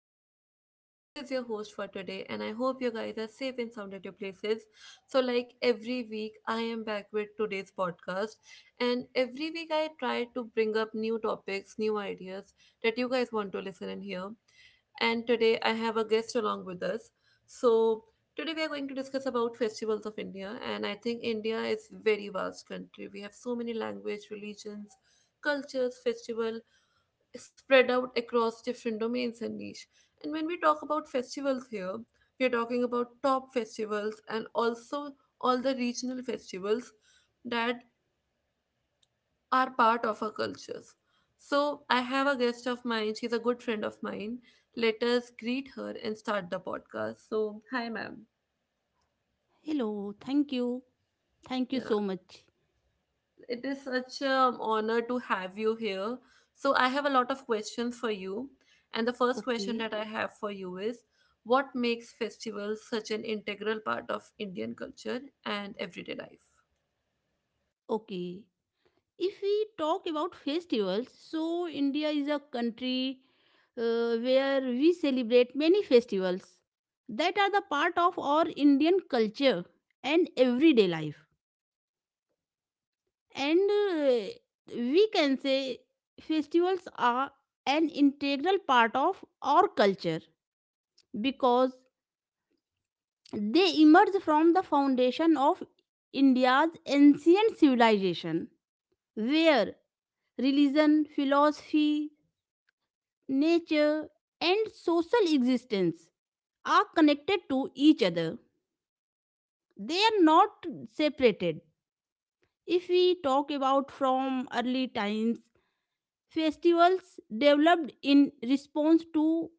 morning to everyone. This is your host for today, and I hope you guys are safe and sound at your places. So, like every week, I am back with today's podcast, and every week I try to bring up new topics, new ideas that you guys want to listen and hear. And today I have a guest along with us. So, today we are going to discuss about festivals of India, and I think India is very vast country. We have so many language, religions, cultures, festival spread out across different domains and niche. And when we talk about festivals here, we are talking about top festivals and also all the regional festivals that are part of our cultures. So I have a guest of mine. She's a good friend of mine. Let us greet her and start the podcast. So hi, ma'am. Hello, thank you. Thank you Yeah. so much. It is such an honor to have you here. So, I have a lot of questions for you. And the first question Okay, that I have for you is, what makes festivals such an integral part of Indian culture and everyday life? okay. If we talk about festivals, so India is a country where we celebrate many festivals that are the part of our Indian culture and everyday life. And we can say festivals are an integral part of our culture because they emerge from the foundation of India's ancient civilization, where religion, philosophy, nature, and social existence are connected to each other. They are not separated. If we talk about from early times, festivals developed in response to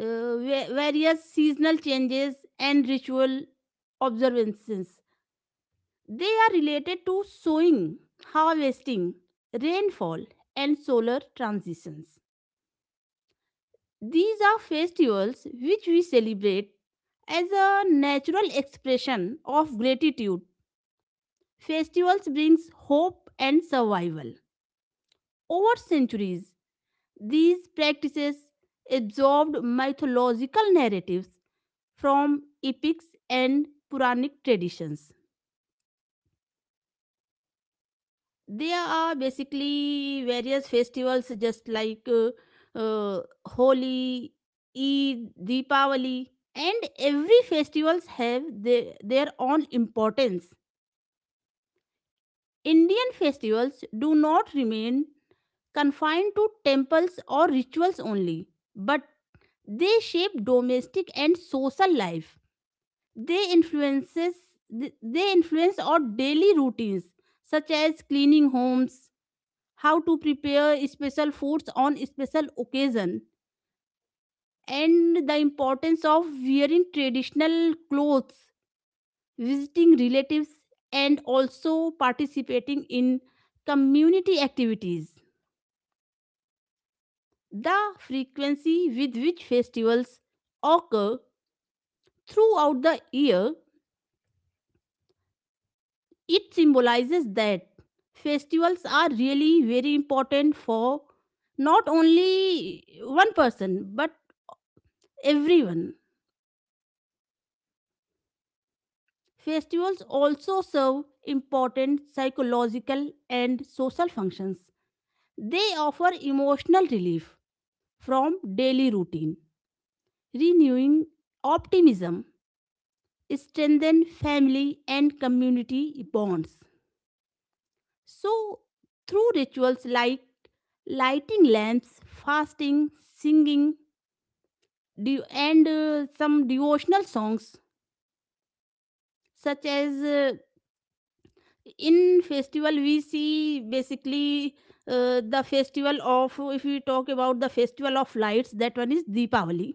various seasonal changes and ritual observances. They are related to sowing, harvesting, rainfall, and solar transitions. These are festivals which we celebrate as a natural expression of gratitude. Festivals brings hope and survival. Over centuries, these practices absorbed mythological narratives from epics and Puranic traditions. There are basically various festivals just like Holi, Eid, Deepavali, and every festivals have their own importance. Indian festivals do not remain confined to temples or rituals only, but they shape domestic and social life. They influences they influence our daily routines such as cleaning homes, how to prepare special foods on special occasion and the importance of wearing traditional clothes, visiting relatives, and also participating in community activities. The frequency with which festivals occur throughout the year, it symbolizes that festivals are really very important for not only one person but everyone. Festivals also serve important psychological and social functions. They offer emotional relief from daily routine, renewing optimism, strengthen family and community bonds. So, through rituals like lighting lamps, fasting, singing, and some devotional songs such as, in festival we see basically, the festival of if we talk about the festival of lights, that one is Deepavali.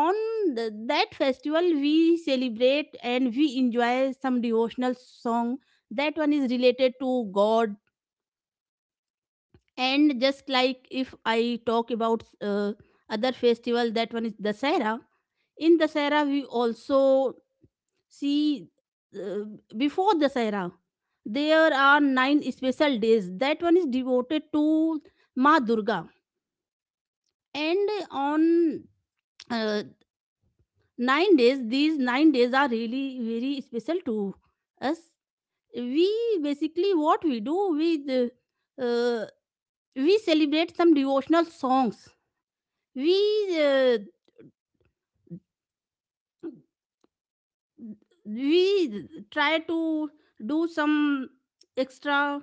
On that festival we celebrate and we enjoy some devotional song that one is related to god. And just like if I talk about other festival, that one is Dasara. In Dasara we also see, uh, before this era, there are nine special days. That one is devoted to Ma Durga. And on uh, 9 days, these 9 days are really very special to us. We basically, what we do, uh, uh, we celebrate some devotional songs. We, uh, we try to do some extra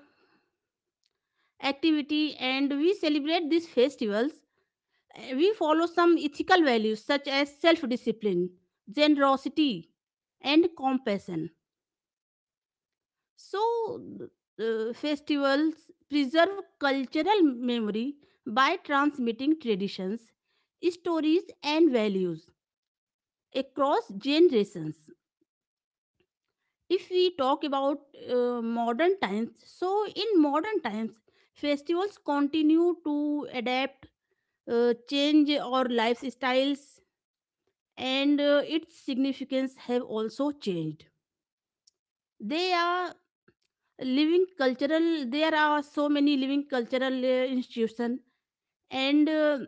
activity and we celebrate these festivals. Eh, we follow some ethical values such as self discipline, generosity, and compassion. So, festivals preserve cultural memory by transmitting traditions, stories, and values across generations. If we talk about modern times, so in modern times, festivals continue to adapt, change our lifestyles, and its significance have also changed. They are living cultural there are so many living cultural institution. And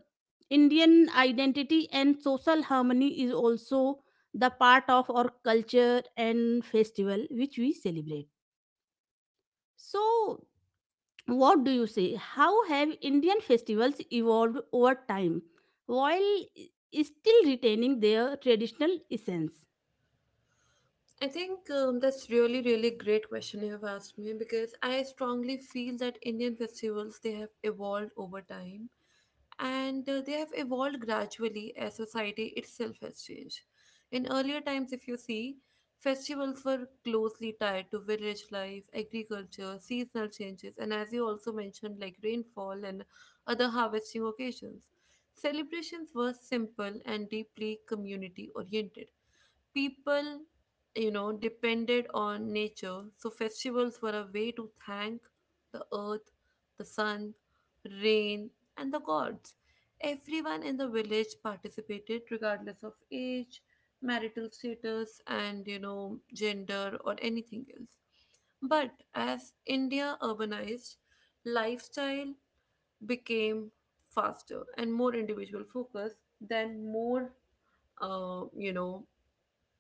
Indian identity and social harmony is also the part of our culture and festival which we celebrate. So what do you say, how have Indian festivals evolved over time while still retaining their traditional essence? I think that's really, really great question you have asked me, because I strongly feel that Indian festivals they have evolved over time, and they have evolved gradually as society itself has changed. In earlier times, if you see, festivals were closely tied to village life, agriculture, seasonal changes, and as you also mentioned, like rainfall and other harvesting occasions. Celebrations were simple and deeply community oriented. People, you know, depended on nature, so festivals were a way to thank the earth, the sun, rain, and the gods. Everyone in the village participated, regardless of age, marital status, and you know, gender or anything else. But as India urbanized, lifestyle became faster and more individual focus, than more you know,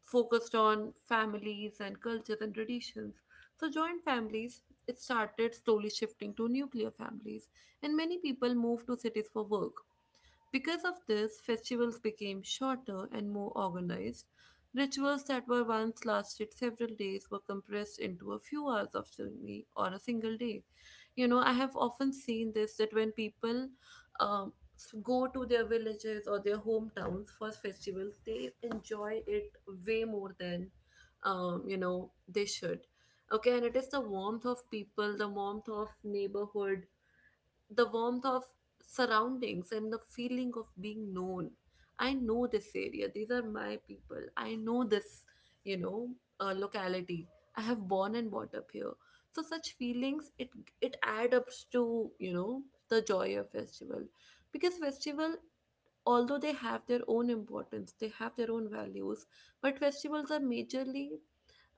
focused on families and cultures and traditions. So, joint families, it started slowly shifting to nuclear families, and many people moved to cities for work. Because of this, festivals became shorter and more organized. Rituals that were once lasted several days were compressed into a few hours of journey or a single day. You know, I have often seen this, that when people, go to their villages or their hometowns for festivals, they enjoy it way more than, you know, they should. Okay, and it is the warmth of people, the warmth of neighborhood, the warmth of surroundings, and the feeling of being known. I know this area. These are my people. I know this, you know, locality. I have born and brought up here. So such feelings, it adds up to, you know, the joy of festival, because festival, although they have their own importance, they have their own values, but festivals are majorly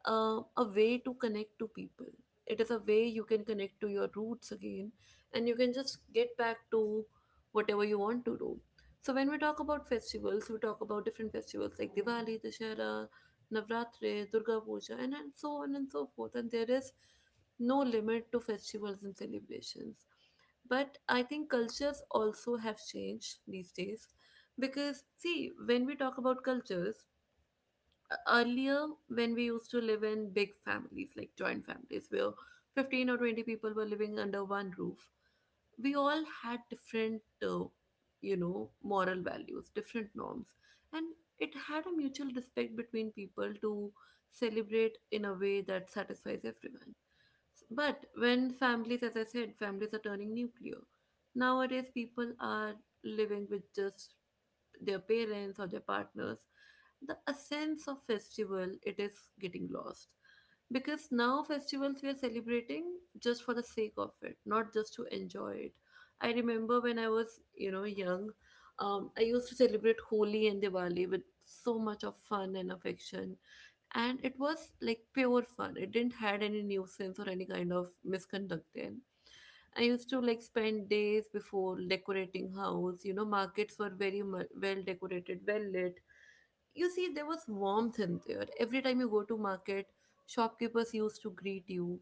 a way to connect to people. It is a way you can connect to your roots again, and you can just get back to whatever you want to do. So, when we talk about festivals, we talk about different festivals like Diwali, Dashera, Navratri, Durga Puja, and so on and so forth. And there is no limit to festivals and celebrations. But I think cultures also have changed these days, because, see, when we talk about cultures, earlier when we used to live in big families, like joint families, where 15 or 20 people were living under one roof, we all had different, you know, moral values, different norms. And it had a mutual respect between people to celebrate in a way that satisfies everyone. But when families, as I said, families are turning nuclear. Nowadays, people are living with just their parents or their partners, the essence of festival, it is getting lost, because now festivals we are celebrating just for the sake of it, not just to enjoy it. I remember when I was, you know, young, I used to celebrate Holi and Diwali with so much of fun and affection, and it was like pure fun. It didn't had any nuisance or any kind of misconduct then. I used to like spend days before decorating house. You know, markets were very mu- well decorated, well lit. You see, there was warmth in there. Every time you go to market, shopkeepers used to greet you,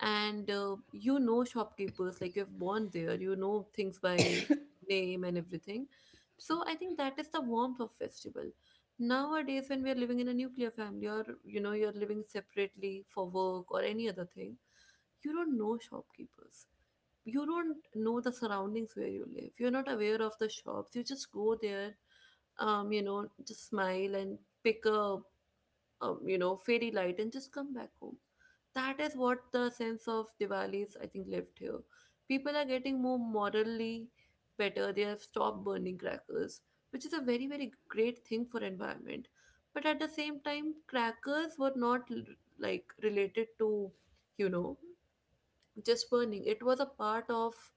and you know, shopkeepers, like you've born there, you know things by name and everything. Sorry. So I think that is the warmth of festival. Nowadays, when we are living in a nuclear family, or you know, you're living separately for work or any other thing, you don't know shopkeepers, you don't know the surroundings where you live. You're not aware of the shops. You just go there, you know, just smile and pick a, you know, fairy light and just come back home. That is what the sense of Diwali is, I think, left here. People are getting more morally better. They have stopped burning crackers, which is a very, very great thing for environment. But at the same time, crackers were not l- like related to, you know, just burning. It was a part of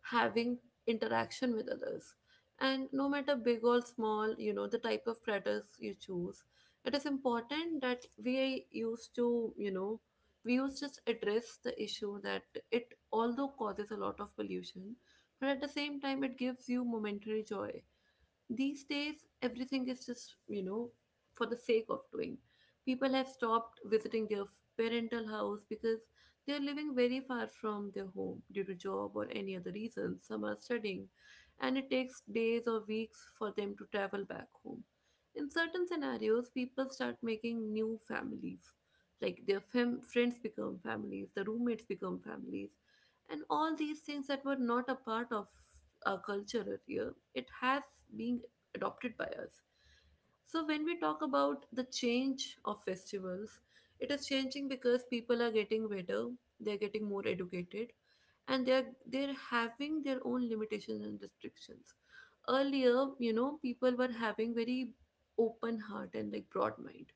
having interaction with others. And no matter big or small, you know, the type of predators you choose, it is important that we used to, you know, we used to just address the issue that it although causes a lot of pollution, but at the same time it gives you momentary joy. These days, everything is just, you know, for the sake of doing. People have stopped visiting their parental house because they are living very far from their home due to job or any other reason. Some are studying, and it takes days or weeks for them to travel back home. In certain scenarios, people start making new families. Like their fam- friends become families, the roommates become families, and all these things that were not a part of culture earlier, it has been adopted by us. So when we talk about the change of festivals, it is changing because people are getting better, they're getting more educated, and they're having their own limitations and restrictions. Earlier, you know, people were having very open heart and like broad mind.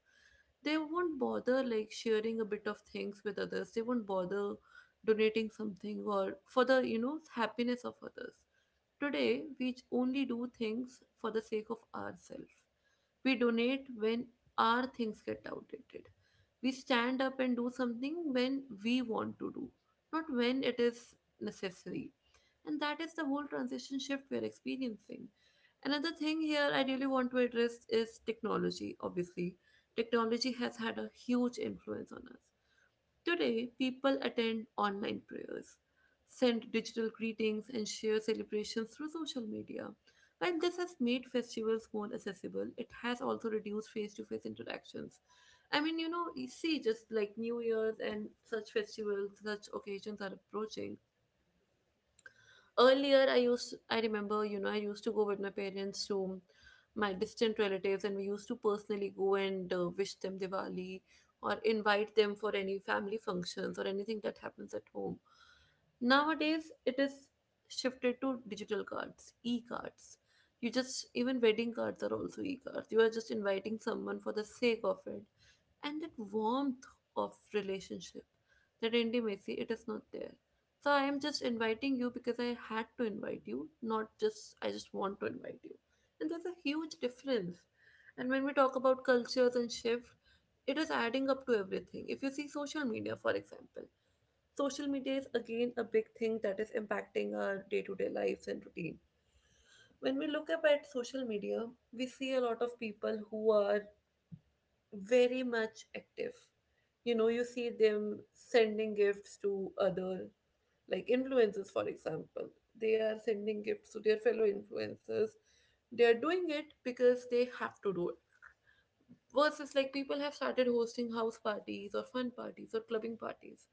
They won't bother like sharing a bit of things with others. They won't bother donating something or for the, you know, happiness of others. Today, we only do things for the sake of ourselves. We donate when our things get outdated. We stand up and do something when we want to do, not when it is necessary. And that is the whole transition shift we are experiencing. Another thing here I really want to address is technology, obviously. Technology has had a huge influence on us. Today, people attend online prayers, send digital greetings, and share celebrations through social media. While this has made festivals more accessible, it has also reduced face to face interactions. I mean, you know, you see, just like New Year's and such festivals, such occasions are approaching. Earlier, I remember, you know, I used to go with my parents to my distant relatives, and we used to personally go and wish them Diwali or invite them for any family functions or anything that happens at home. Nowadays, it is shifted to digital cards, e-cards. You just, even wedding cards are also e-cards. You are just inviting someone for the sake of it, and that warmth of relationship, that intimacy, it is not there. So I am just inviting you because I had to invite you, not just I just want to invite you. And there's a huge difference. And when we talk about cultures and shift, it is adding up to everything. If you see social media, for example, social media is again a big thing that is impacting our day to day lives and routine. When we look up at social media, we see a lot of people who are very much active. You know, you see them sending gifts to other, like influencers, for example, they are sending gifts to their fellow influencers. They are doing it because they have to do it, versus like people have started hosting house parties or fun parties or clubbing parties.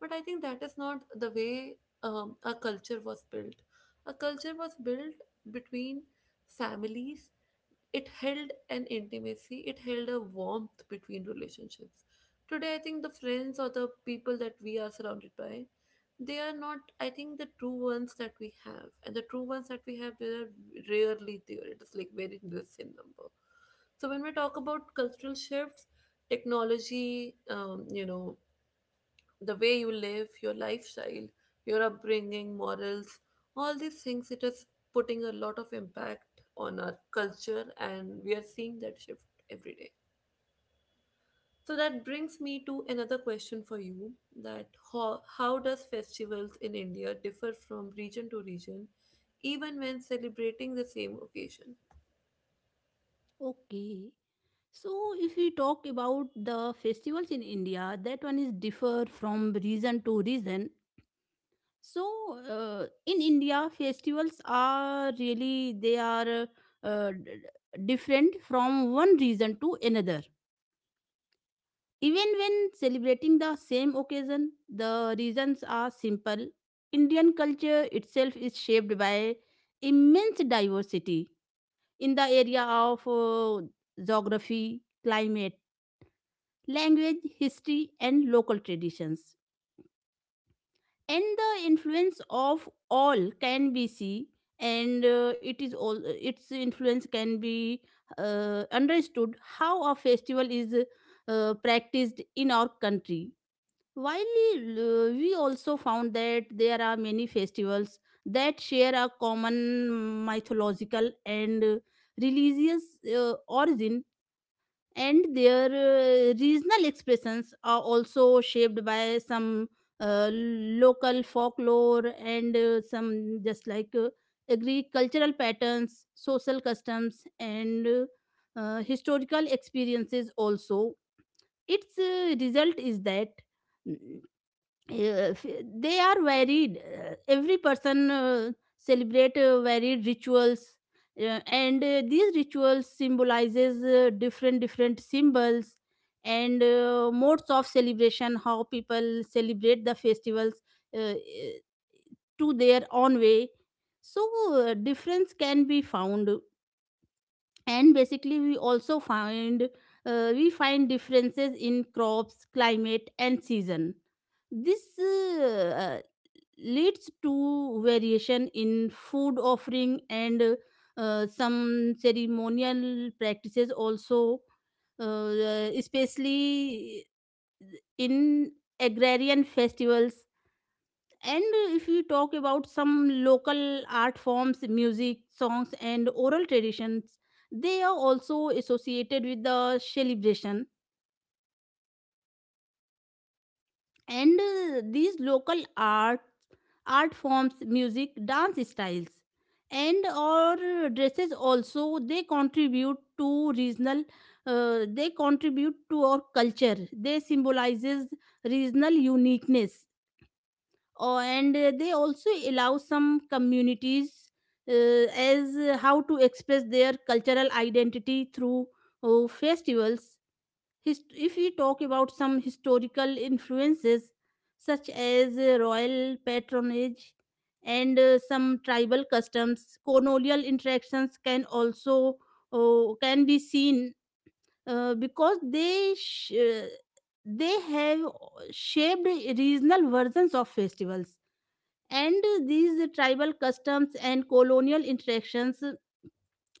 But I think that is not the way a culture was built. A culture was built between families. It held an intimacy, it held a warmth between relationships. Today, I think the friends or the people that we are surrounded by, they are not, I think, the true ones that we have, and the true ones that we have, they are rarely there. It is like very less in number. So when we talk about cultural shifts, technology, you know, the way you live, your lifestyle, your upbringing, morals, all these things, it is putting a lot of impact on our culture, and we are seeing that shift every day. So that brings me to another question for you that how does festivals in India differ from region to region even when celebrating the same occasion? Okay, so if we talk about the festivals in India, that one is differ from region to region. So in India festivals are really, they are different from one region to another. Even when celebrating the same occasion, the reasons are simple. Indian culture itself is shaped by immense diversity in the area of geography, climate, language, history, and local traditions. And the influence of all can be seen, and it is all its influence can be understood how a festival is practiced in our country. While we also found that there are many festivals that share a common mythological and religious origin, and their regional expressions are also shaped by some local folklore and some just like agricultural patterns, social customs, and historical experiences. Also, its result is that if they are varied, every person celebrate varied rituals, and these rituals symbolizes different different symbols and modes of celebration, how people celebrate the festivals uh, uh, to their own way. So difference can be found, and basically we also find, we find differences in crops, climate, and season. This leads to variation in food offering and some ceremonial practices also, especially in agrarian festivals. And if we talk about some local art forms, music, songs, and oral traditions, they are also associated with the celebration. And these local art art forms, music, dance styles, and or dresses also, they contribute to regional, they contribute to our culture. They symbolizes regional uniqueness. Oh, and they also allow some communities, uh, as how to express their cultural identity through festivals. If we talk about some historical influences such as royal patronage, and some tribal customs, colonial interactions can also, can be seen because they have shaped regional versions of festivals, and these tribal customs and colonial interactions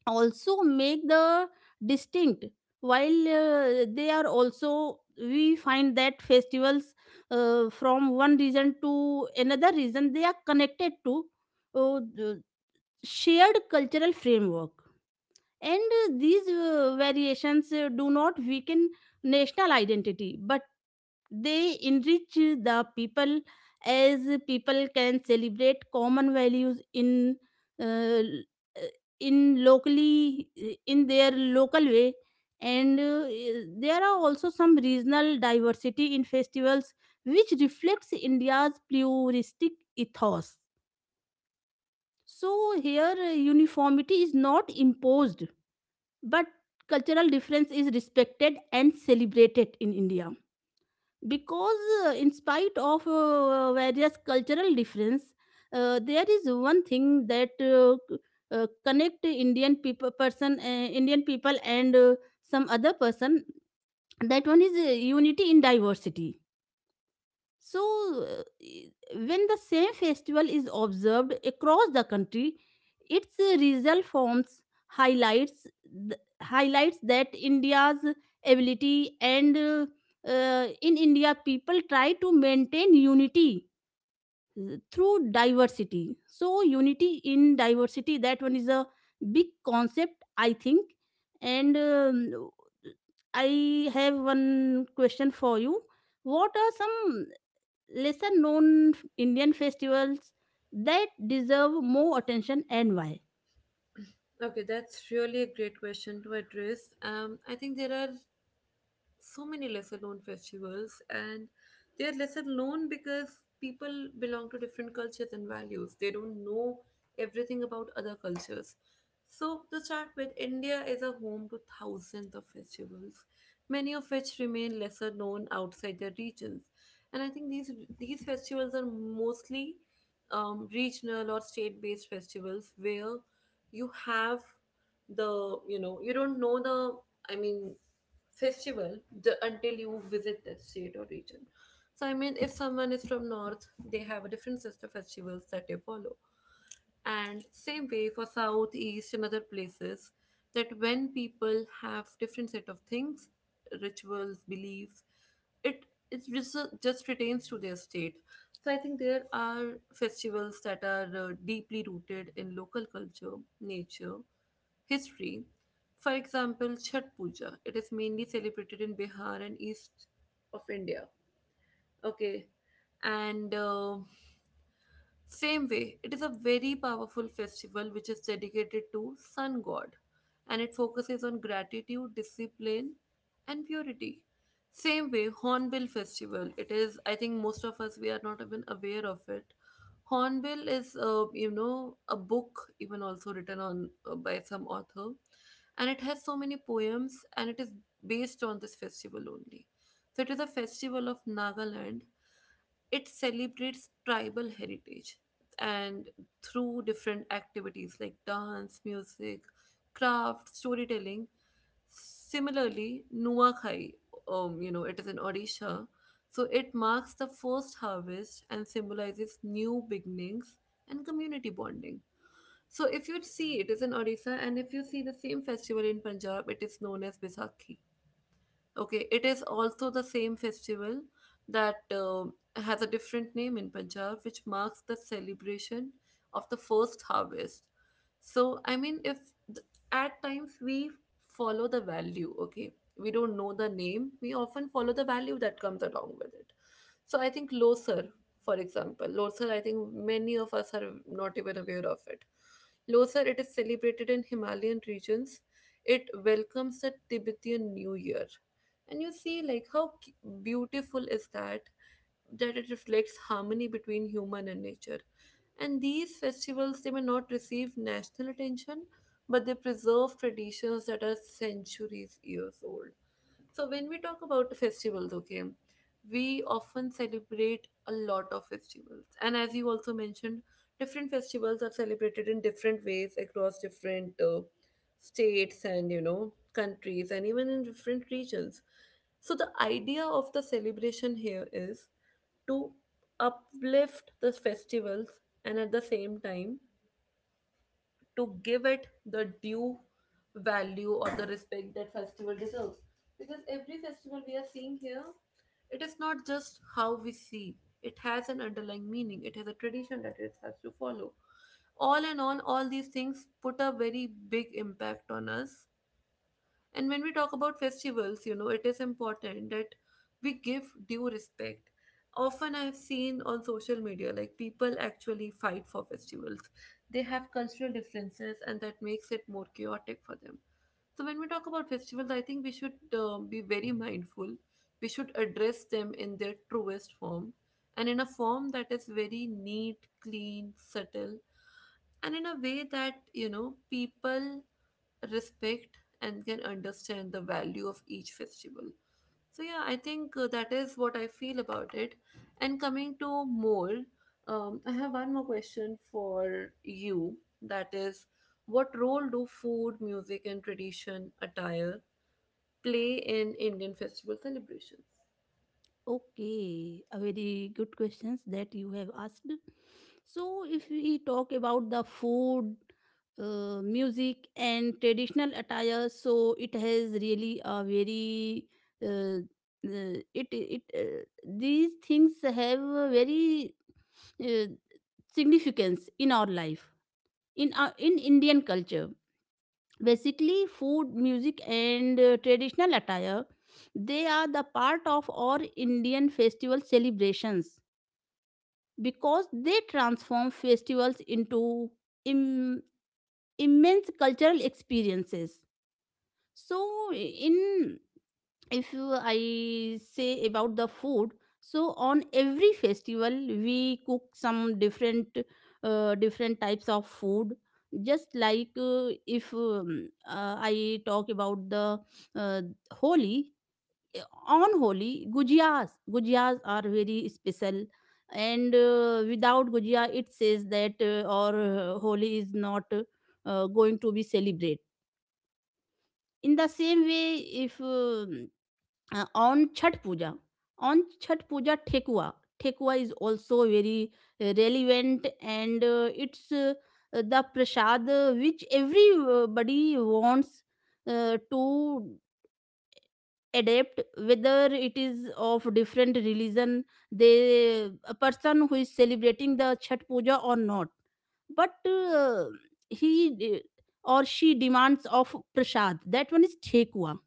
also make the distinct. While they are, also we find that festivals from one region to another region, they are connected to the shared cultural framework. And these variations do not weaken national identity, but they enrich the people, as people can celebrate common values in, uh, in locally, in their local way. And there are also some regional diversity in festivals which reflects India's pluralistic ethos. So here uniformity is not imposed, but cultural difference is respected and celebrated in India. Because in spite of various cultural difference, there is one thing that connect Indian people and some other person, that one is, unity in diversity. So, uh, when the same festival is observed across the country, its result forms, highlights highlights that India's ability and in India people try to maintain unity through diversity. So, unity in diversity, that one is a big concept, I think. And I have one question for you. What are some lesser known Indian festivals that deserve more attention and why? Okay, that's really a great question to address. I think there are so many lesser known festivals, and they are lesser known because people belong to different cultures and values, they don't know everything about other cultures. So to start with, India is a home to thousands of festivals, many of which remain lesser known outside their regions. And I think these festivals are mostly regional or state based festivals where you have the you know you don't know the I mean, festival, the, until you visit that state or region. So, I mean, if someone is from North, they have a different set of festivals that they follow. And same way for South, East, and other places, that when people have different set of things, rituals, beliefs, it it just, just retains to their state. So I think there are festivals that are deeply rooted in local culture, nature, history, for example, Chhat Puja, it is mainly celebrated in Bihar and east of India. Okay, and same way, it is a very powerful festival which is dedicated to sun god, and it focuses on gratitude, discipline, and purity. Same way, Hornbill Festival. It is, I think, most of us we are not even aware of it. Hornbill is, a book even also written on by some author, and it has so many poems and it is based on this festival only. So it is a festival of Nagaland, it celebrates tribal heritage, and through different activities like dance, music, craft, storytelling. Similarly, Nuakhai, it is in Odisha, so it marks the first harvest and symbolizes new beginnings and community bonding. So if you see, it is in Odisha, and if you see the same festival in Punjab, it is known as Baisakhi. Okay, it is also the same festival that has a different name in Punjab, which marks the celebration of the first harvest. So I mean, if th- at times we follow the value, okay, we don't know the name, we often follow the value that comes along with it. So I think Losar, for example, Losar, I think many of us are not even aware of it. Losar, it is celebrated in Himalayan regions. It welcomes the Tibetan New Year. And you see, like, how beautiful is that? That it reflects harmony between human and nature. And these festivals, they may not receive national attention, but they preserve traditions that are centuries years old. So when we talk about festivals, okay, we often celebrate a lot of festivals. And as you also mentioned, different festivals are celebrated in different ways across different states and, you know, countries and even in different regions. So the idea of the celebration here is to uplift the festivals, and at the same time to give it the due value or the respect that festival deserves, because every festival we are seeing here, it is not just how we see, it has an underlying meaning, it has a tradition that it has to follow. All in all, all these things put a very big impact on us. And when we talk about festivals, you know, it is important that we give due respect. Often I've seen on social media, like people actually fight for festivals. They have cultural differences, and that makes it more chaotic for them. So when we talk about festivals, I think we should be very mindful. We should address them in their truest form, and in a form that is very neat, clean, subtle, and in a way that you know people respect and can understand the value of each festival. So yeah, I think that is what I feel about it. And coming to more, I have one more question for you, that is, what role do food, music, and tradition attire play in Indian festival celebrations? Okay, a very good questions that you have asked. So, if we talk about the food, music, and traditional attire, so it has really a very, uh, it it these things have a very uh, significance in our life, in our, in Indian culture. Basically food, music, and traditional attire, they are the part of our Indian festival celebrations because they transform festivals into Im- immense cultural experiences. So in, if you, I say about the food, so on every festival we cook some different, different types of food. Just like if I talk about the, uh, Holi, eh, on Holi gujiyas are very special, and without gujiya it says that or Holi is not going to be celebrated. In the same way, if on Chhat Puja. On Chhat Puja, Thekua. Thekua is also very relevant and it's, the prasad which everybody wants to adapt, whether it is of different religion, they, a person who is celebrating the Chhat Puja or not, but he de- or she demands of prasad, that one is thekua.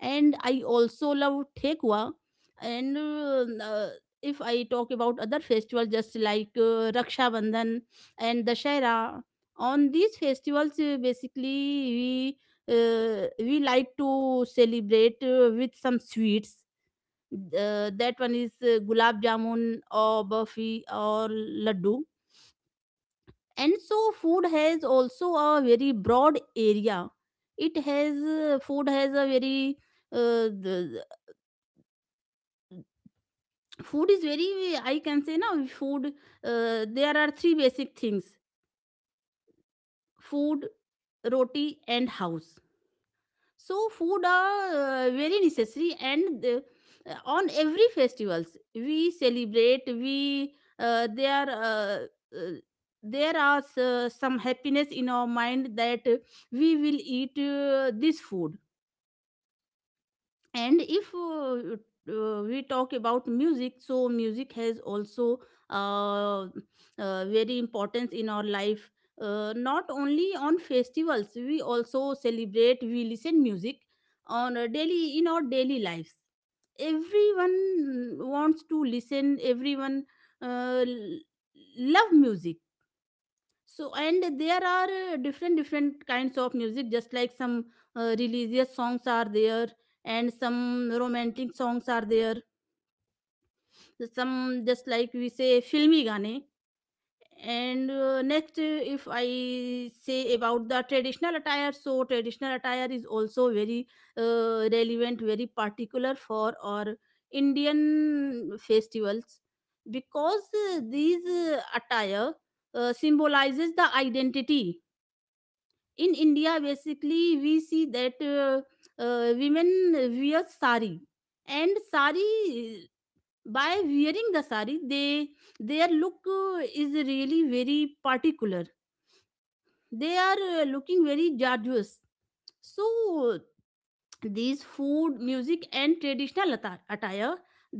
And I also love Thekwa. And If I talk about other festivals, just like Raksha Bandhan and Dashera, on these festivals, basically we, we like to celebrate with some sweets. That one is gulab jamun or burfi or laddu. And so food has also a very broad area. It has uh, food is very , I can say now, food there are three basic things: food, roti, and house. So food are very necessary, and on every festivals we celebrate we there uh, there are some happiness in our mind that we will eat this food. And if we talk about music, so music has also uh, very importance in our life. Not only on festivals we also celebrate, we listen music on a daily, in our daily lives. Everyone wants to listen, everyone uh, l- love music. So and there are different different kinds of music, just like some religious songs are there, and some romantic songs are there, some just like we say filmy gaane. And next if I say about the traditional attire, so traditional attire is also very relevant, very particular for our Indian festivals, because these attire symbolizes the identity. In India basically we see that women wear sari, and sari by wearing the sari, they their look is really very particular. They are looking very gorgeous. So these food, music, and traditional attire,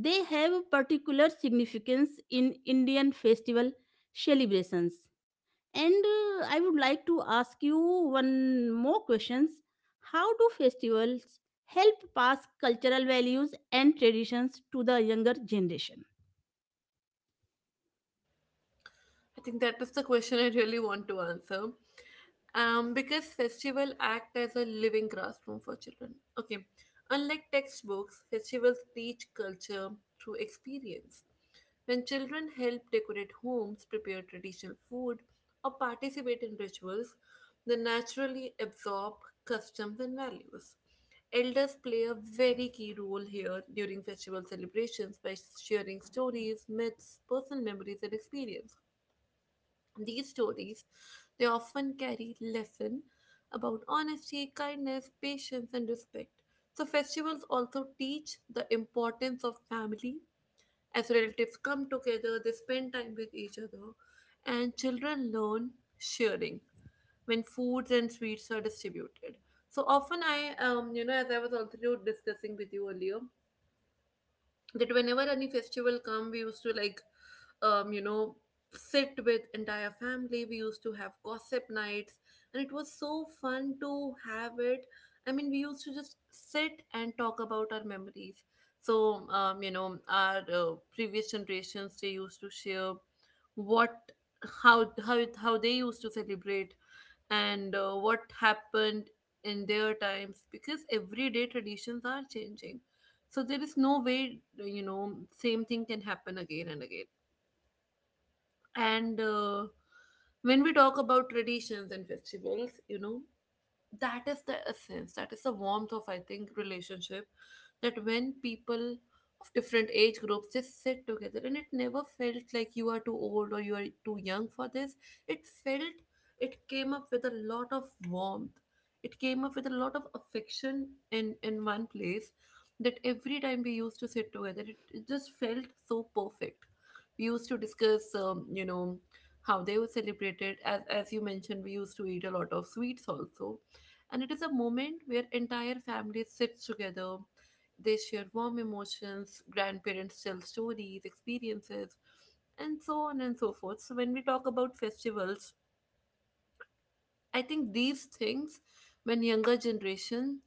they have particular significance in Indian festival celebrations. And I would like to ask you one more questions. How do festivals help pass cultural values and traditions to the younger generation? I think that is the question I really want to answer. Because festival act as a living classroom for children. Okay, unlike textbooks, festivals teach culture through experience. When children help decorate homes, prepare traditional food, or participate in rituals, they naturally absorb customs and values. Elders play a very key role here during festival celebrations by sharing stories, myths, personal memories, and experience. These stories, they often carry lesson about honesty, kindness, patience, and respect. So festivals also teach the importance of family. As relatives come together, they spend time with each other, and children learn sharing when foods and sweets are distributed. So often, I as I was also discussing with you earlier, that whenever any festival come, we used to like um you know sit with entire family, we used to have gossip nights, and it was so fun to have it. I mean, we used to just sit and talk about our memories. So our previous generations, they used to share what how they used to celebrate, and what happened in their times, because everyday traditions are changing. So there is no way same thing can happen again and again. And when we talk about traditions and festivals, you know, that is the essence, that is the warmth of, I think, relationship, that when people of different age groups just sit together, and it never felt like you are too old or you are too young for this. It felt, it came up with a lot of warmth, it came up with a lot of affection in one place, that every time we used to sit together, it just felt so perfect. We used to discuss how they were celebrated. As you mentioned, we used to eat a lot of sweets also. And it is a moment where entire families sit together, they share warm emotions, grandparents tell stories, experiences, and so on and so forth. So when we talk about festivals, I think these things, when younger generation,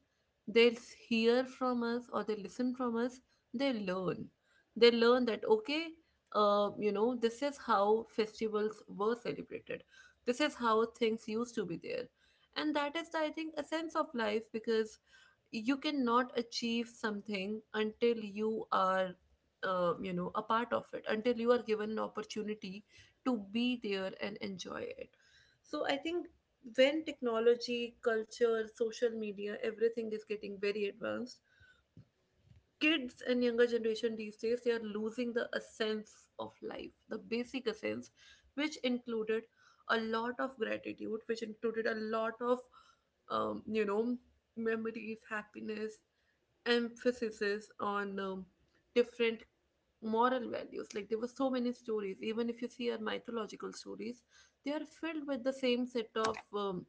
they'll hear from us or they listen from us, they learn. They learn that okay, this is how festivals were celebrated. This is how things used to be there, and that is, I think, a sense of life, because you cannot achieve something until you are a part of it, until you are given an opportunity to be there and enjoy it. So I think when technology, culture, social media, everything is getting very advanced, kids and younger generation these days they are losing the essence of life, the basic essence, which included a lot of gratitude, which included a lot of um, you know memories, happiness, emphasis on different moral values. Like there were so many stories, even if you see our mythological stories, they are filled with the same set of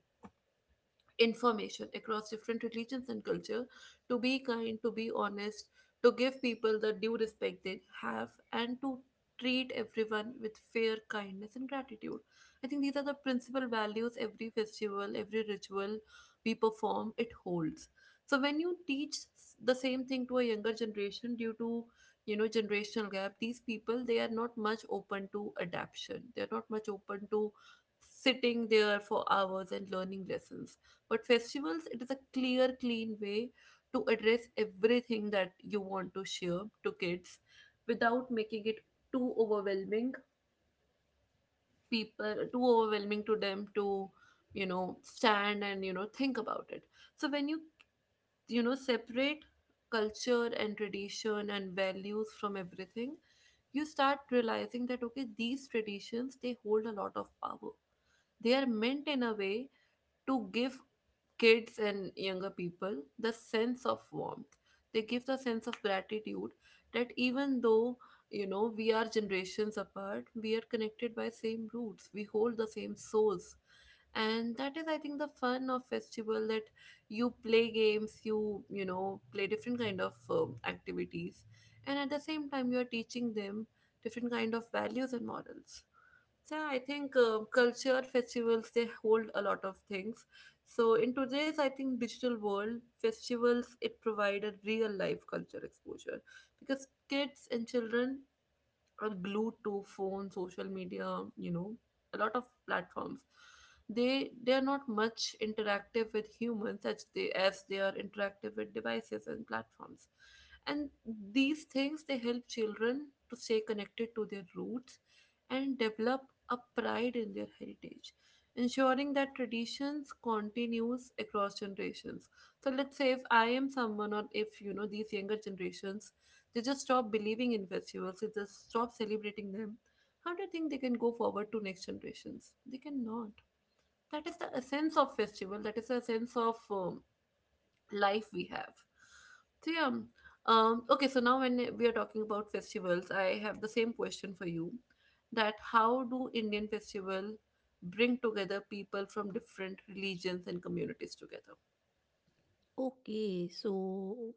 information across different religions and culture. To be kind, to be honest, to give people the due respect they have, and to treat everyone with fair kindness and gratitude. I think these are the principal values every festival, every ritual we perform, it holds. So when you teach the same thing to a younger generation, due to you know generational gap, these people, they are not much open to adaption, they're not much open to sitting there for hours and learning lessons. But festivals, it is a clear, clean way to address everything that you want to share to kids without making it too overwhelming, people too overwhelming to them to you know stand and you know think about it. So when you know separate culture and tradition and values from everything, you start realizing that okay, these traditions, they hold a lot of power. They are meant in a way to give kids and younger people the sense of warmth, they give the sense of gratitude, that even though you know we are generations apart, we are connected by same roots, we hold the same souls. And that is, I think, the fun of festival, that you play games, you know play different kind of activities, and at the same time you are teaching them different kind of values and models. Yeah, I think culture festivals, they hold a lot of things. So in today's, I think, digital world, festivals, it provide a real life culture exposure, because kids and children are glued to phone, social media, you know, a lot of platforms. They are not much interactive with humans as they are interactive with devices and platforms. And these things, they help children to stay connected to their roots and develop a pride in their heritage, ensuring that traditions continues across generations. So let's say if I am someone or if these younger generations, they just stop believing in festivals, they just stop celebrating them. How do you think they can go forward to next generations? They cannot. That is the essence of festival, that is the essence of life we have. So, yeah. Okay, so now when we are talking about festivals, I have the same question for you that how do Indian festival bring together people from different religions and communities together? Okay, so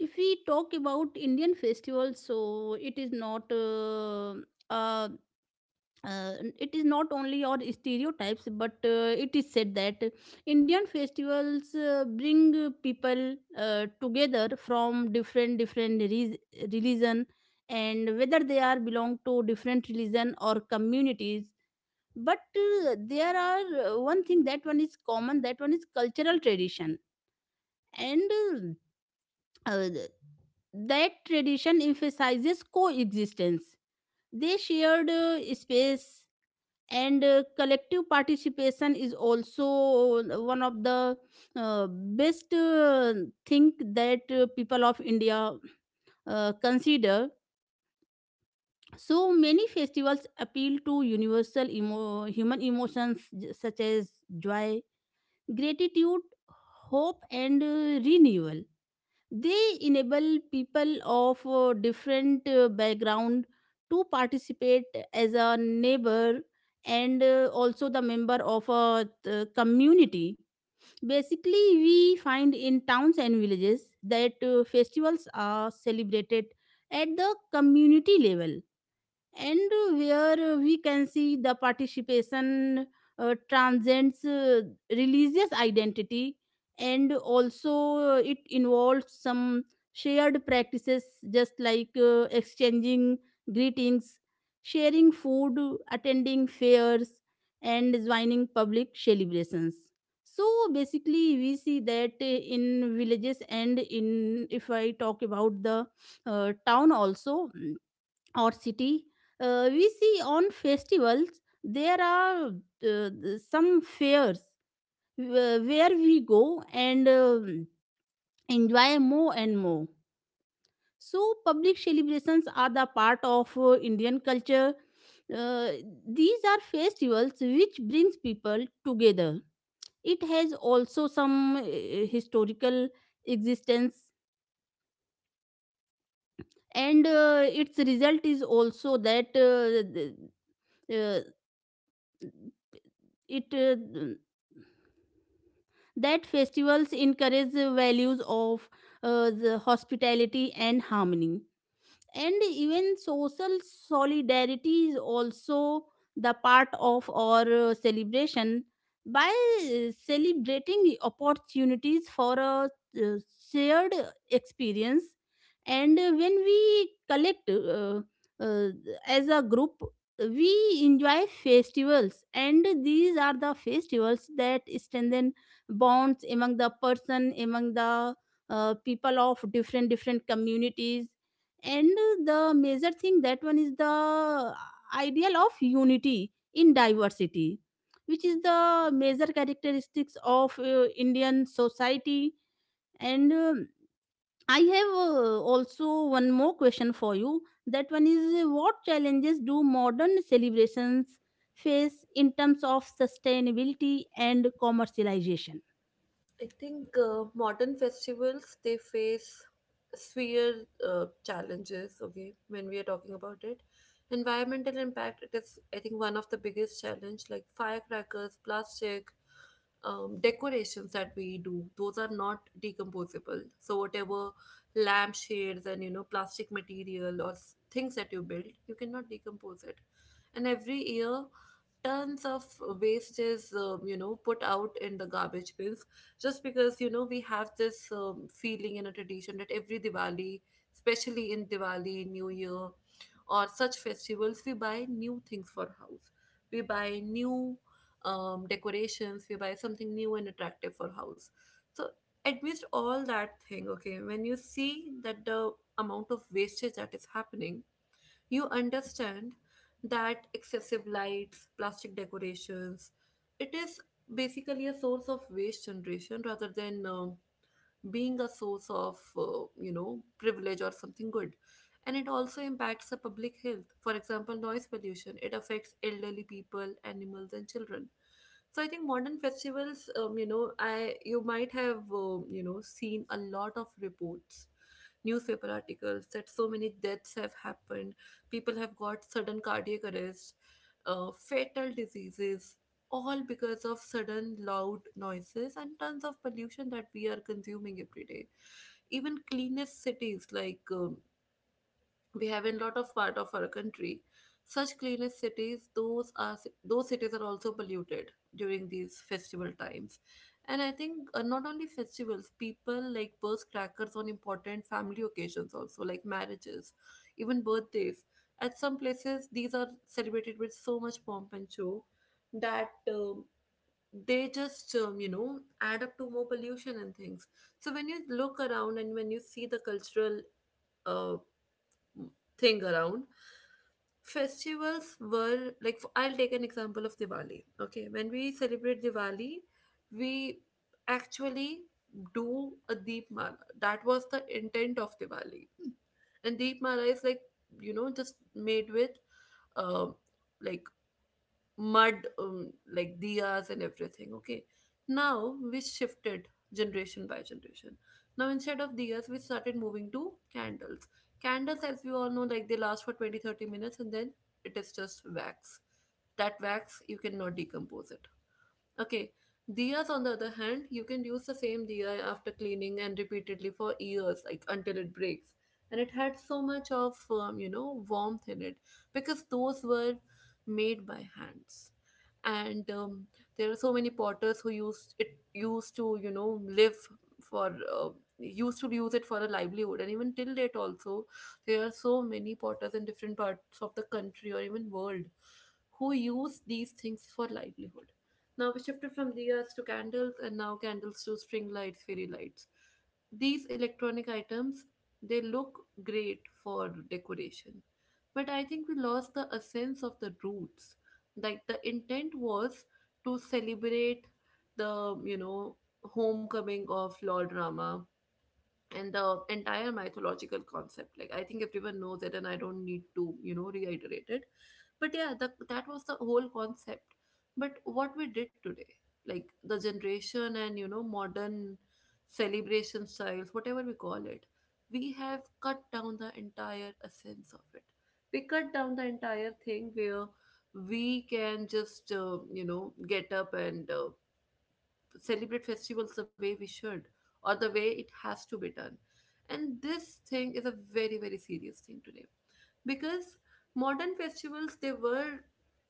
if we talk about Indian festivals, so it is not a it is not only our stereotypes, but it is said that Indian festivals bring people together from different different religion. And whether they are belong to different religion or communities, but there are one thing that one is common, that one is cultural tradition. And uh, that tradition emphasizes coexistence. They shared space, and collective participation is also one of the best thing that people of India consider. So many festivals appeal to universal human emotions, such as joy, gratitude, hope, and renewal. They enable people of different background to participate as a neighbor and also the member of a community. Basically, we find in towns and villages that festivals are celebrated at the community level, and where we can see the participation transcends religious identity, and also it involves some shared practices, just like exchanging greetings, sharing food, attending fairs, and joining public celebrations. So basically we see that in villages, and in, if I talk about the town also, or city. We see on festivals there are uh, some fairs where we go and enjoy more and more. So public celebrations are the part of Indian culture. Uh, these are festivals which brings people together. It has also some historical existence, and its result is also that the- uh, it that festivals encourage the values of the hospitality and harmony, and even social solidarity is also the part of our celebration, by celebrating opportunities for a uh, shared experience. And when we collect uh, as a group, we enjoy festivals, and these are the festivals that strengthen bonds among the person, among the people of different different communities. And the major thing, that one is the ideal of unity in diversity, which is the major characteristics of Indian society. And I have also one more question for you, that one is, what challenges do modern celebrations face in terms of sustainability and commercialization? I think modern festivals they face severe challenges. Okay, when we are talking about it, environmental impact it is, I think, one of the biggest challenge. Like firecrackers, plastic, decorations that we do those are not decomposable. So whatever lampshades and plastic material or things that you build, you cannot decompose it. And every year, tons of waste is put out in the garbage bins just because we have this feeling and a tradition that every Diwali, especially in Diwali, New Year, or such festivals, we buy new things for house. We buy new decorations. We buy something new and attractive for house. So amidst all that thing, okay, when you see that the amount of wastage that is happening, you understand that excessive lights, plastic decorations, it is basically a source of waste generation rather than being a source of privilege or something good. And it also impacts the public health. For example, noise pollution, it affects elderly people, animals, and children. So I think modern festivals, you might have seen a lot of reports, newspaper articles, that so many deaths have happened. People have got sudden cardiac arrest, fatal diseases, all because of sudden loud noises and tons of pollution that we are consuming every day. Even cleanest cities, like we have in lot of part of our country, such cleanest cities, those cities are also polluted during these festival times. And I think not only festivals, people like burst crackers on important family occasions also, like marriages, even birthdays. At some places, these are celebrated with so much pomp and show that they just add up to more pollution and things. So when you look around and when you see the cultural uh, thing around festivals, were like I'll take an example of Diwali. Okay, when we celebrate Diwali, we actually do a deep mala. That was the intent of Diwali. And deep mala is like, just made with um like mud, like diyas and everything. Okay, now we shifted generation by generation. Now instead of diyas, we started moving to candles. Candles, as we all know, like, they last for 20, 30 minutes, and then it is just wax. That wax, you cannot decompose it. Okay, diyas on the other hand, you can use the same diya after cleaning and repeatedly for years, like until it breaks. And it had so much of, warmth in it, because those were made by hands. And there are so many potters who used to, live for used to use it for a livelihood. And even till date also, there are so many potters in different parts of the country or even world who use these things for livelihood. Now we shifted from diyas to candles, and now candles to string lights, fairy lights. These electronic items, they look great for decoration. But I think we lost the essence of the roots. Like, the intent was to celebrate the, homecoming of Lord Rama and the entire mythological concept. Like, I think everyone knows it and I don't need to reiterate it. But yeah, that was the whole concept. But what we did today, like the generation and modern celebration styles, whatever we call it, we have cut down the entire essence of it. We cut down the entire thing where we can just get up and celebrate festivals the way we should, or the way it has to be done. And this thing is a very very serious thing today, because modern festivals they were,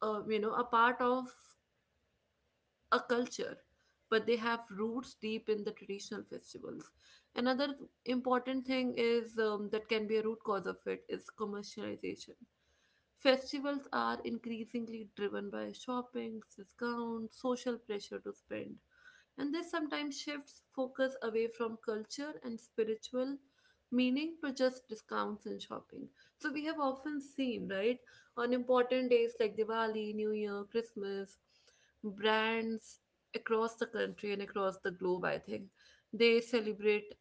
a part of a culture, but they have roots deep in the traditional festivals. Another important thing is, that can be a root cause of it, is commercialization. Festivals are increasingly driven by shopping, discounts, social pressure to spend, and this sometimes shifts focus away from culture and spiritual meaning to just discounts and shopping. So we have often seen, right, on important days like Diwali, New Year, Christmas, brands across the country and across the globe, I think, they celebrate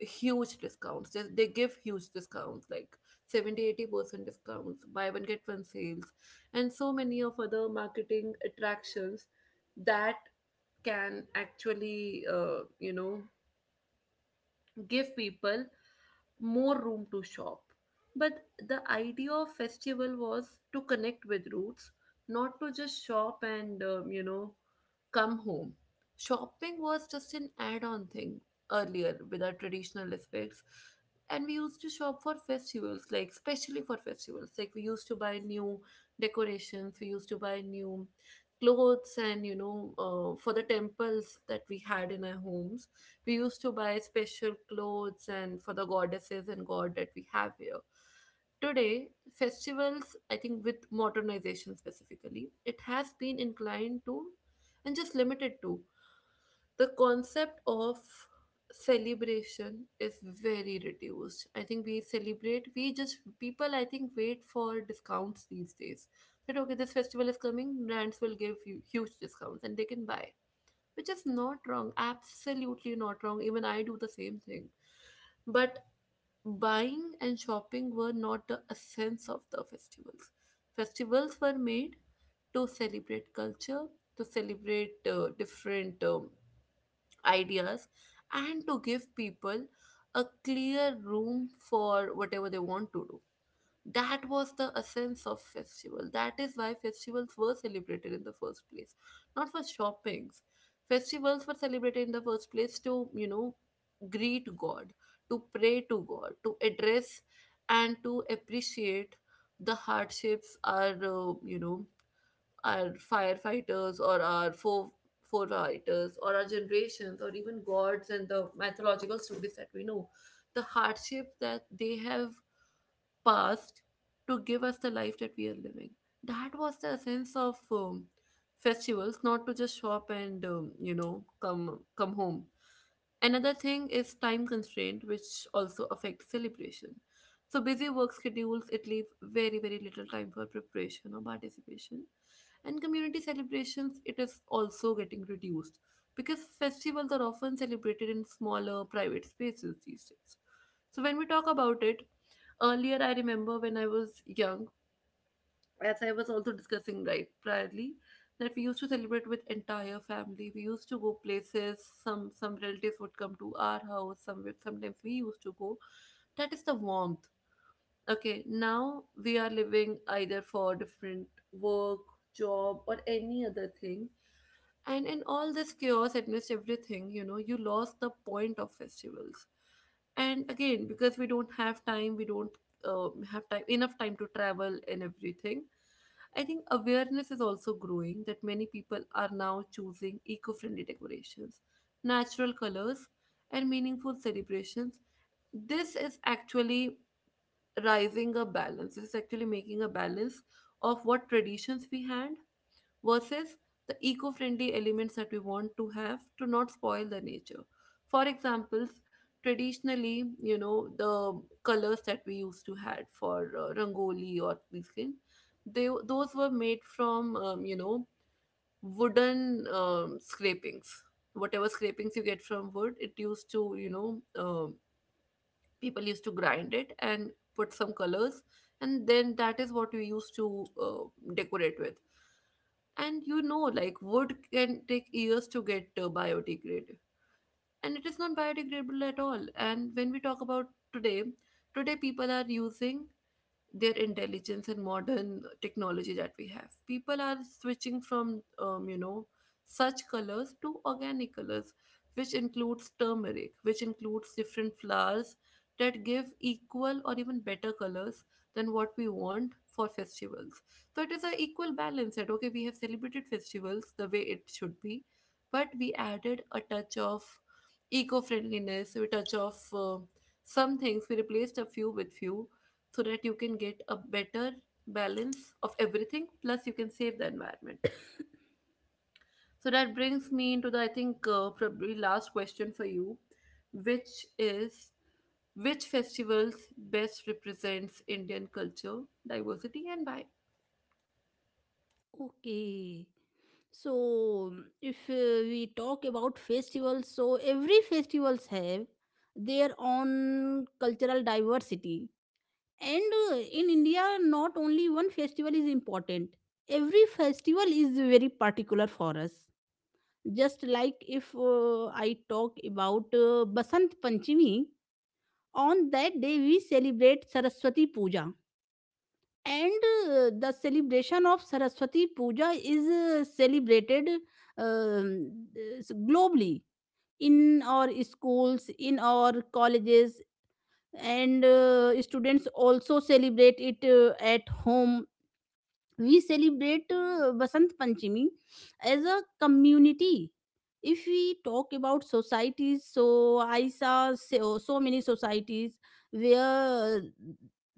huge discounts. They give huge discounts, like 70, 80% discounts, buy one get one sales, and so many of other marketing attractions that can actually, give people more room to shop. But the idea of festival was to connect with roots, not to just shop and come home. Shopping was just an add-on thing earlier with our traditional aspects, and we used to shop for festivals, like especially for festivals. Like, we used to buy new decorations, we used to buy new clothes, and for the temples that we had in our homes, we used to buy special clothes and for the goddesses and god that we have here. Today festivals, I think, with modernization specifically, it has been inclined to and just limited to the concept of celebration is very reduced. I think we celebrate, we just, people, I think, wait for discounts these days, that okay, this festival is coming, brands will give you huge discounts and they can buy, which is not wrong, absolutely not wrong. Even I do the same thing. But buying and shopping were not the essence of the festivals. Festivals were made to celebrate culture, to celebrate different ideas, and to give people a clear room for whatever they want to do. That was the essence of festival, that is why festivals were celebrated in the first place, not for shoppings. Festivals were celebrated in the first place to, greet god, to pray to god, to address and to appreciate the hardships our, our firefighters or our four forerunners or our generations or even gods and the mythological stories that we know, the hardships that they have past to give us the life that we are living. That was the essence of festivals, not to just shop and come home. Another thing is time constraint, which also affects celebration. So busy work schedules, it leaves very very little time for preparation or participation, and community celebrations, it is also getting reduced because festivals are often celebrated in smaller private spaces these days. So when we talk about it, earlier I remember when I was young, as I was also discussing right priorly, that we used to celebrate with entire family, we used to go places, some relatives would come to our house, sometimes we used to go. That is the warmth. Okay, now we are living either for different work, job, or any other thing, and in all this chaos amidst everything, you lost the point of festivals. And again, because we don't have time, we don't have time enough time to travel and everything. I think awareness is also growing, that many people are now choosing eco-friendly decorations, natural colors, and meaningful celebrations. This is actually rising a balance. It's actually making a balance of what traditions we had versus the eco friendly elements that we want to have, to not spoil the nature. For examples, traditionally, the colors that we used to had for Rangoli or these things, they those were made from, wooden scrapings. Whatever scrapings you get from wood, it used to, people used to grind it and put some colors, and then that is what we used to decorate with. And like wood can take years to get biodegrade, and it is not biodegradable at all. And when we talk about today today people are using their intelligence and modern technology that we have. People are switching from, such colors to organic colors, which includes turmeric, which includes different flowers, that give equal or even better colors than what we want for festivals. So it is an equal balance that, okay, we have celebrated festivals the way it should be, but we added a touch of eco-friendliness, we touch of some things, we replaced a few with few so that you can get a better balance of everything plus you can save the environment. So that brings me into the, I think probably last question for you, which is which festivals best represents Indian culture, diversity, and why? Okay. So, mm, if we talk about festivals, so every festivals have their own cultural diversity. And in India, not only one festival is important. Every festival is very particular for us. Just like if I talk about Basant Panchami, on that day we celebrate Saraswati Puja, and the celebration of Saraswati Puja is celebrated um, globally, in our schools, in our colleges, and students also celebrate it at home. We celebrate Basant Panchami as a community. If we talk about societies, so I saw so many societies where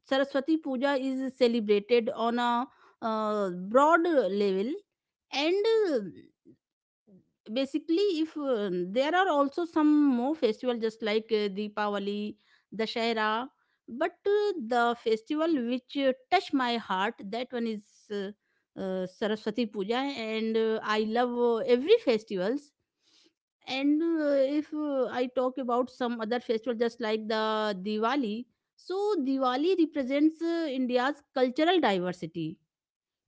Saraswati Puja is celebrated on a broad level. And basically if there are also some more festival just like Deepavali, Dashera, but the festival which touch my heart, that one is uh, Saraswati Puja. And I love every festivals. And if I talk about some other festival, just like the Diwali, so Diwali represents India's cultural diversity.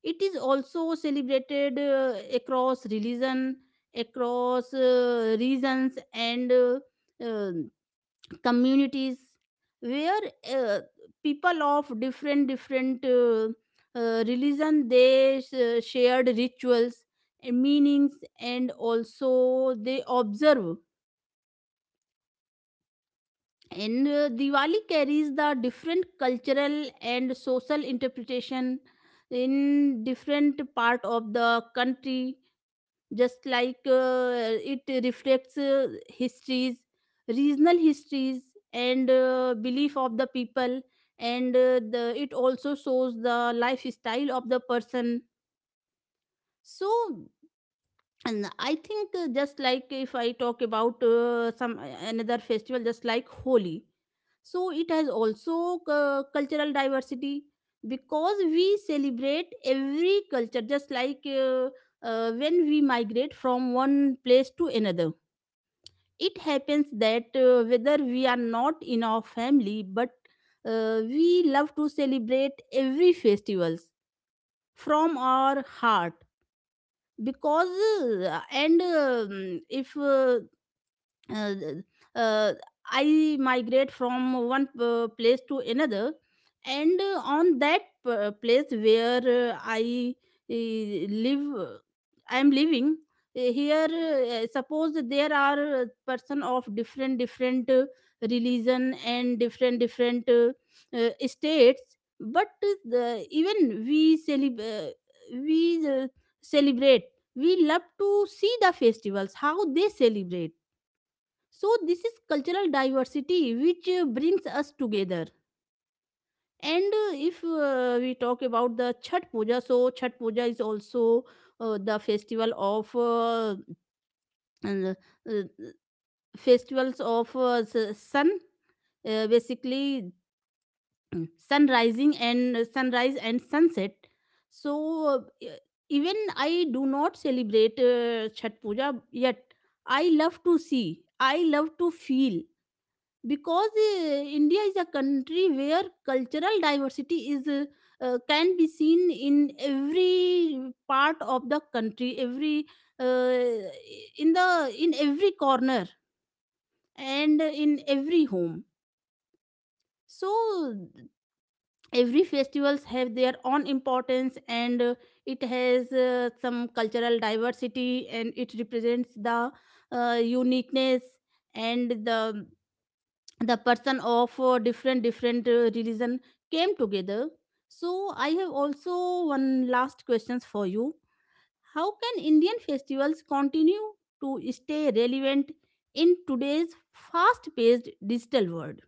It is also celebrated across religion, across regions, and uh, communities, where uh, people of different different religion, they shared rituals and meanings, and also they observe. And Diwali carries the different cultural and social interpretation in different part of the country, just like it reflects histories regional histories, and belief of the people. And it also shows the lifestyle of the person. So and I think just like if I talk about some another festival, just like Holi, so it has also cultural diversity, because we celebrate every culture. Just like when we migrate from one place to another, it happens that whether we are not in our family, but we love to celebrate every festivals from our heart. Because and if uh, uh, I migrate from one place to another, and on that place where I live, I am living here. Suppose there are person of different different religion, and different different states, but even we celebrate. We love to see the festivals, how they celebrate. So this is cultural diversity which brings us together. And if we talk about the Chhat Puja, so Chhat Puja is also the festival of and, uh, festivals of sun, basically sunrise and sunset. So even I do not celebrate Chhat Puja yet. I love to see, I love to feel, because India is a country where cultural diversity is can be seen in every part of the country, every uh, in the in every corner and in every home. So every festivals have their own importance, and it has some cultural diversity, and it represents the uniqueness, and the person of different different religion came together. So I have also one last questions for you. How can Indian festivals continue to stay relevant in today's fast paced digital world?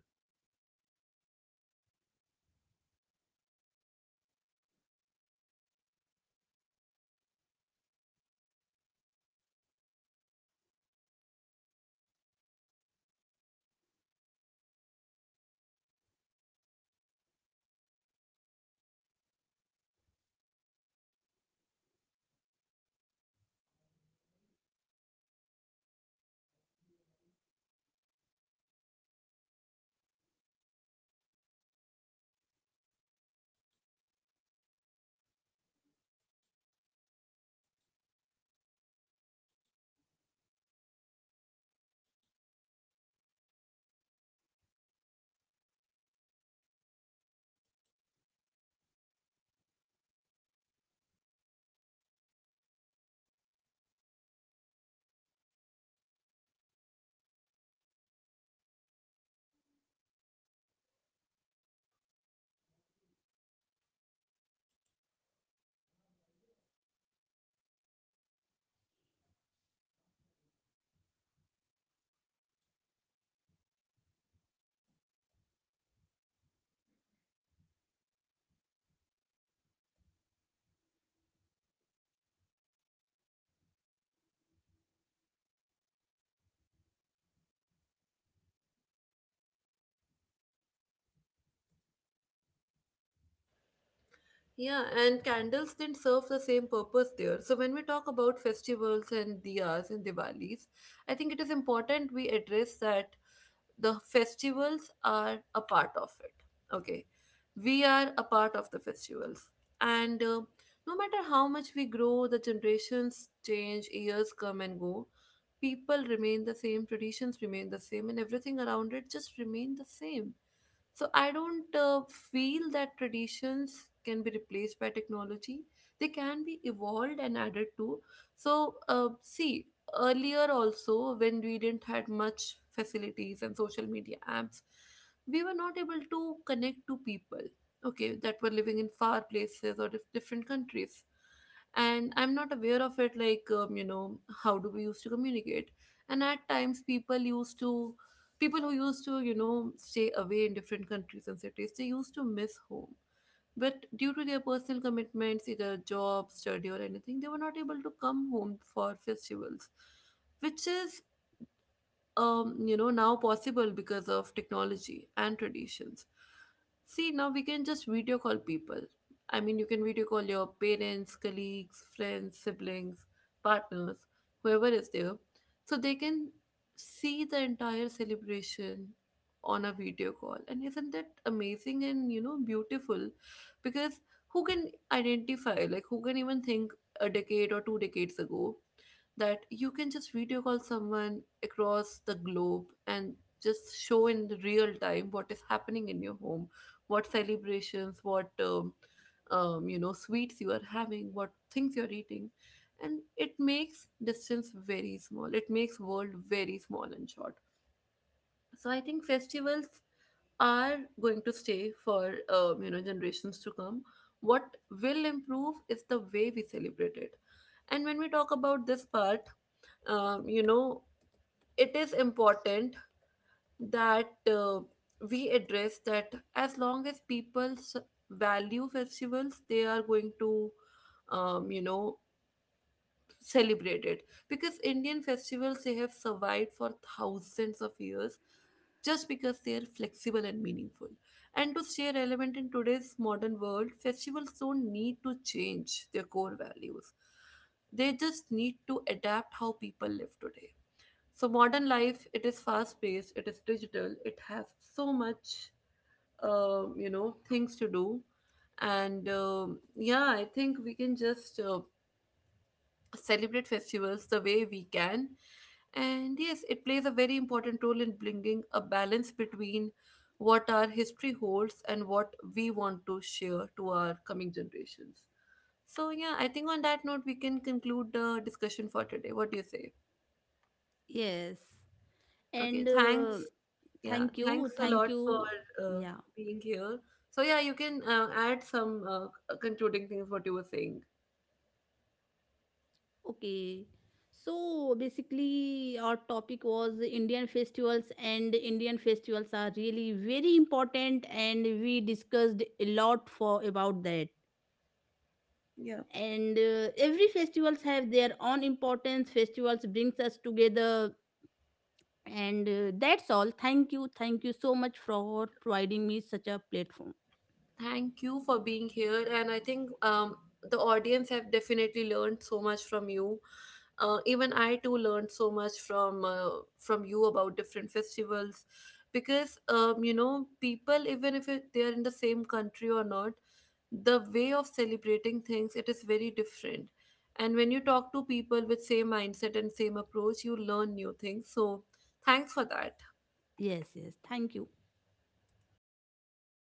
Yeah, and candles didn't serve the same purpose there. So when we talk about festivals and diyas and Diwalis, I think it is important we address that the festivals are a part of it. Okay, we are a part of the festivals, and no matter how much we grow, the generations change, years come and go, people remain the same, traditions remain the same, and everything around it just remain the same. So I don't feel that traditions can be replaced by technology. They can be evolved and added to. So see, earlier also when we didn't had much facilities and social media apps, we were not able to connect to people. Okay, that were living in far places or different countries, and I'm not aware of it, like how do we used to communicate. And at times people who used to, you know, stay away in different countries and cities, they used to miss home, but due to their personal commitments, either job, study, or anything, they were not able to come home for festivals, which is now possible because of technology and traditions. See, now we can just video call people. I mean, you can video call your parents, colleagues, friends, siblings, partners, whoever is there. So they can see the entire celebration on a video call. And isn't that amazing and, beautiful? Because who can identify, like, who can even think a decade or two decades ago that you can just video call someone across the globe and just show in the real time what is happening in your home, what celebrations, what sweets you are having, what things you're eating, and it makes distance very small. It makes world very small and short. So I think festivals are going to stay for generations to come. What will improve is the way we celebrate it. And when we talk about this part, um, you know, it is important that we address that as long as people's value festivals, they are going to, um, you know, celebrate it. Because Indian festivals, they have survived for thousands of years just because they are flexible and meaningful. And to stay relevant in today's modern world, festivals don't need to change their core values. They just need to adapt how people live today. So modern life, it is fast paced, it is digital, it has so much, things to do, and yeah, I think we can just celebrate festivals the way we can, and yes, it plays a very important role in bringing a balance between what our history holds and what we want to share to our coming generations. So yeah, I think on that note we can conclude the discussion for today. What do you say? Yes, Okay, and thanks. Yeah, thank you, thanks a thank lot you. for uh, Yeah. being here. So, yeah, you can add some concluding things what you were saying. Okay. So basically, our topic was Indian festivals, and Indian festivals are really very important, and we discussed a lot for about that. Yeah. And every festivals have their own importance. Festivals brings us together, and that's all. Thank you so much for providing me such a platform. Thank you for being here, and I think the audience have definitely learned so much from you. Even I too learned so much from you about different festivals, because people, even if it, they are in the same country or not, the way of celebrating things it is very different, and when you talk to people with same mindset and same approach you learn new things, so thanks for that. Yes, yes, thank you.